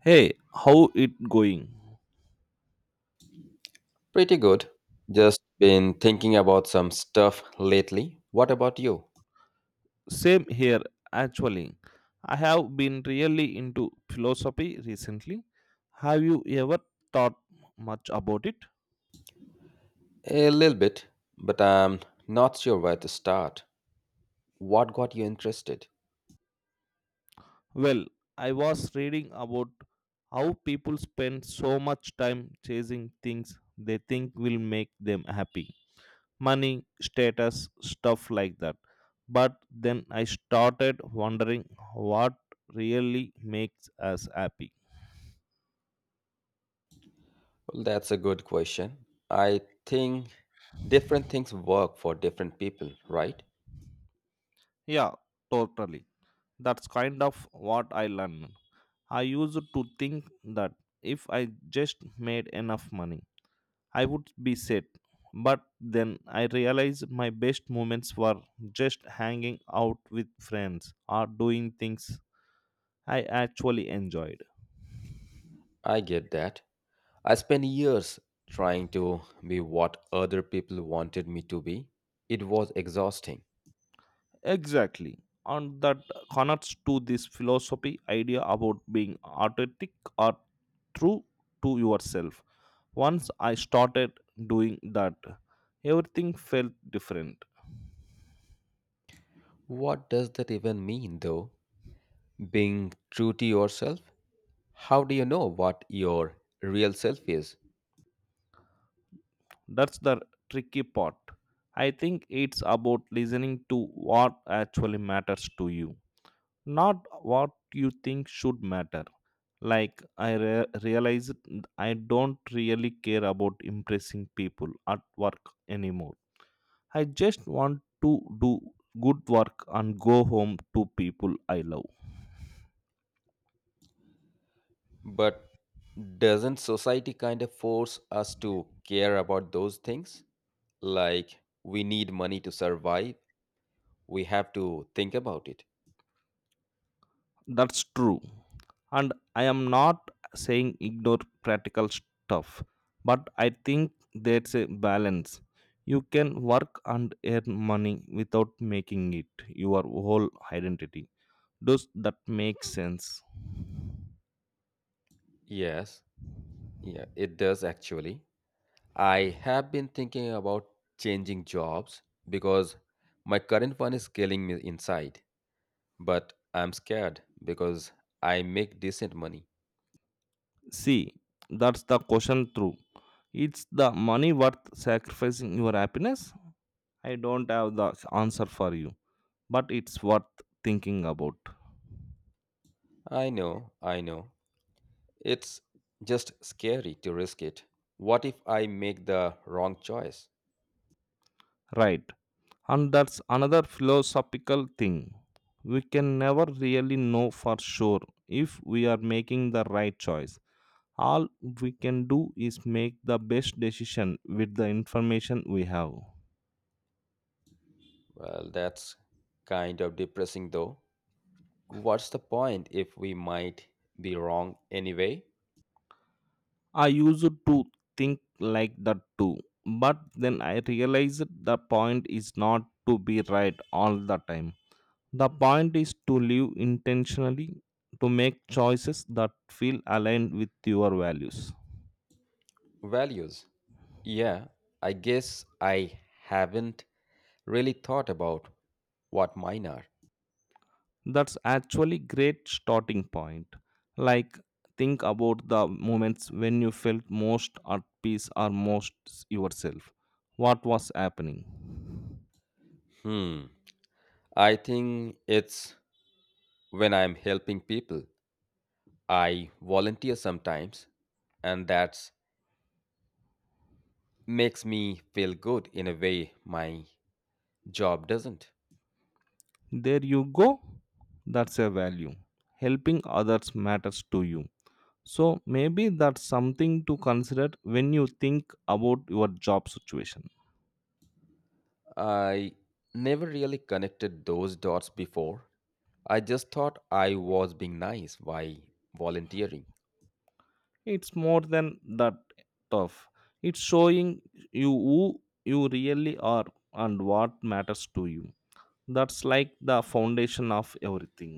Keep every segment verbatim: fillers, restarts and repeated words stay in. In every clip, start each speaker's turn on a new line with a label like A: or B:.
A: Hey, how it going?
B: Pretty good. Just been thinking about some stuff lately. What about you?
A: Same here actually. I have been really into philosophy recently. Have you ever thought much about it?
B: A little bit, but I'm not sure where to start. What got you interested?
A: Well, I was reading about how people spend so much time chasing things they think will make them happy. Money, status, stuff like that. But then I started wondering what really makes us happy.
B: Well, that's a good question. I think different things work for different people, right?
A: Yeah, totally. That's kind of what I learned. I used to think that if I just made enough money, I would be set. But then I realized my best moments were just hanging out with friends or doing things I actually enjoyed.
B: I get that. I spent years trying to be what other people wanted me to be. It was exhausting.
A: Exactly. And that connects to this philosophy idea about being authentic or true to yourself. Once I started doing that, everything felt different.
B: What does that even mean, though? Being true to yourself? How do you know what your real self is?
A: That's the tricky part. I think it's about listening to what actually matters to you, not what you think should matter. Like, I re- realized I don't really care about impressing people at work anymore. I just want to do good work and go home to people I love.
B: But doesn't society kind of force us to care about those things? Like, we need money to survive, we have to think about it.
A: That's true. And I am not saying ignore practical stuff, but I think there's a balance. You can work and earn money without making it your whole identity. Does that make sense?
B: Yes, yeah, it does actually. I have been thinking about changing jobs because my current one is killing me inside, but I'm scared because I make decent money.
A: See, that's the question through. It's the money worth sacrificing your happiness? I don't have the answer for you, but it's worth thinking about.
B: I know, I know. It's just scary to risk it. What if I make the wrong choice?
A: Right. And that's another philosophical thing. We can never really know for sure if we are making the right choice. All we can do is make the best decision with the information we have.
B: Well, that's kind of depressing though. What's the point if we might be wrong anyway?
A: I used to think like that too, but then I realized the point is not to be right all the time. The point is to live intentionally, to make choices that feel aligned with your values.
B: Values. Yeah, I guess I haven't really thought about what mine are.
A: That's actually great starting point, like think about the moments when you felt most at peace or most yourself. What was happening?
B: Hmm. I think it's when I'm helping people. I volunteer sometimes, and that makes me feel good in a way my job doesn't.
A: There you go, that's a value. Helping others matters to you, so maybe that's something to consider when you think about your job situation.
B: I never really connected those dots before. I just thought I was being nice while volunteering.
A: It's more than that, tough. It's showing you who you really are and what matters to you. That's like the foundation of everything.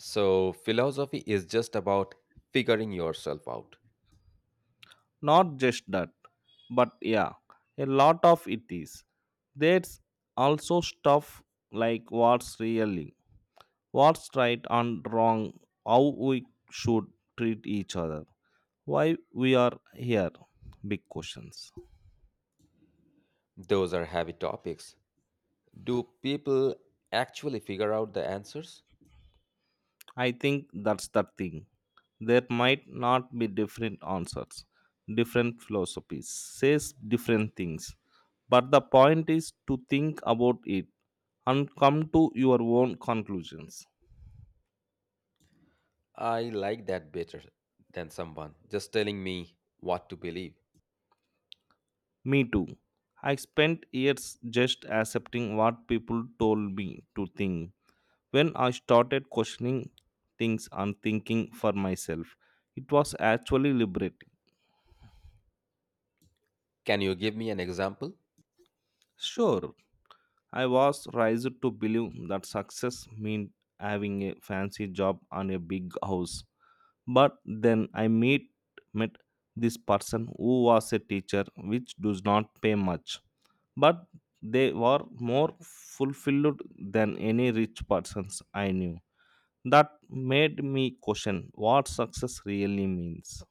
B: So, philosophy is just about figuring yourself out.
A: Not just that, but yeah, a lot of it is. There's also stuff like what's really, what's right and wrong, how we should treat each other, why we are here. Big questions.
B: Those are heavy topics. Do people actually figure out the answers?
A: I think that's the thing. There might not be different answers, different philosophies, says different things. But the point is to think about it and come to your own conclusions.
B: I like that better than someone just telling me what to believe.
A: Me too. I spent years just accepting what people told me to think. When I started questioning things and thinking for myself, it was actually liberating.
B: Can you give me an example?
A: Sure, I was raised to believe that success meant having a fancy job and a big house. But then I met, met this person who was a teacher, which does not pay much. But they were more fulfilled than any rich persons I knew. That made me question what success really means.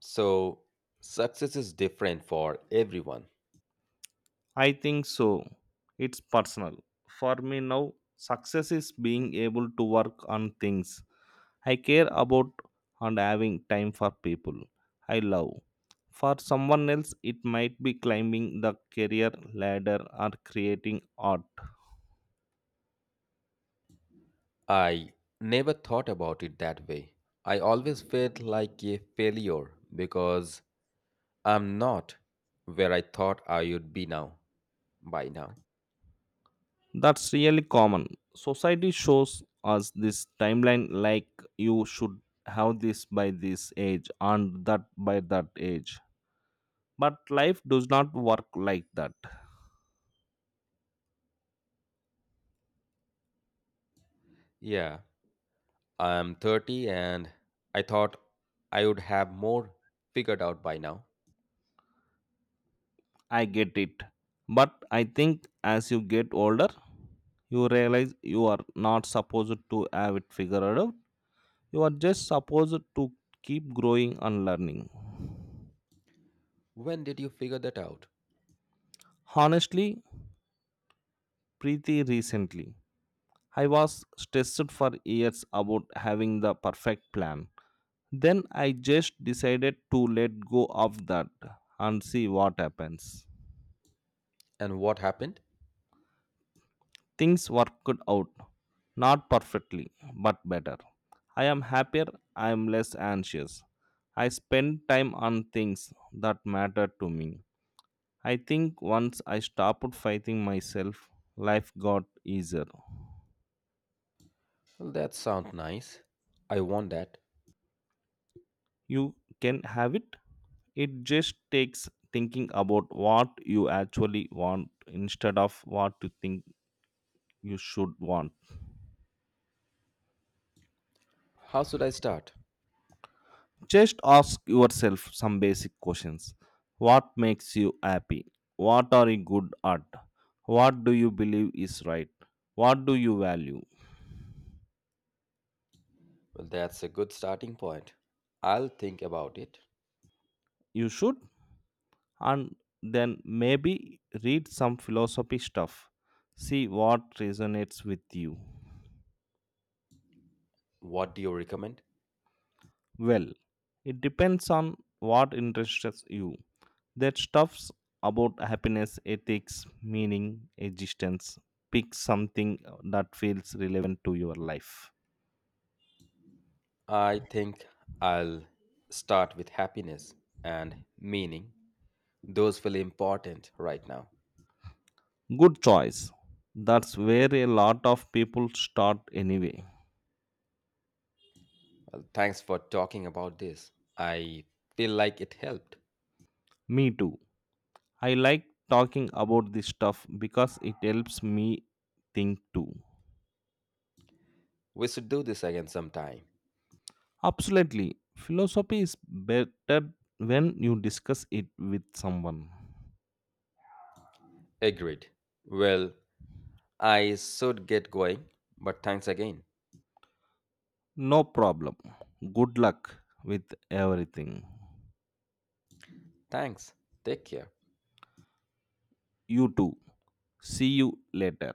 B: So, success is different for everyone.
A: I think so. It's personal. For me now, success is being able to work on things I care about and having time for people I love. For someone else, it might be climbing the career ladder or creating art.
B: I never thought about it that way. I always felt like a failure because I'm not where I thought I would be now, by now.
A: That's really common. Society shows us this timeline like you should have this by this age and that by that age. But life does not work like that.
B: Yeah, I'm thirty and I thought I would have more figured out by now.
A: I get it. But I think as you get older, you realize you are not supposed to have it figured out. You are just supposed to keep growing and learning.
B: When did you figure that out?
A: Honestly, pretty recently, I was stressed for years about having the perfect plan. Then I just decided to let go of that and see what happens.
B: And what happened?
A: Things worked out. Not perfectly, but better. I am happier, I am less anxious. I spend time on things that matter to me. I think once I stopped fighting myself, life got easier.
B: Well, that sounds nice. I want that.
A: You can have it. It just takes thinking about what you actually want instead of what you think you should want.
B: How should I start?
A: Just ask yourself some basic questions. What makes you happy? What are you good at? What do you believe is right? What do you value?
B: Well, that's a good starting point. I'll think about it.
A: You should, and then maybe read some philosophy stuff. See what resonates with you.
B: What do you recommend?
A: Well, it depends on what interests you. That stuff's about happiness, ethics, meaning, existence. Pick something uh, that feels relevant to your life.
B: I think I'll start with happiness and meaning. Those feel important right now.
A: Good choice. That's where a lot of people start anyway.
B: Well, thanks for talking about this. I feel like it helped.
A: Me too. I like talking about this stuff because it helps me think too.
B: We should do this again sometime.
A: Absolutely. Philosophy is better when you discuss it with someone.
B: Agreed. Well, I should get going, but thanks again.
A: No problem. Good luck with everything.
B: Thanks. Take care.
A: You too. See you later.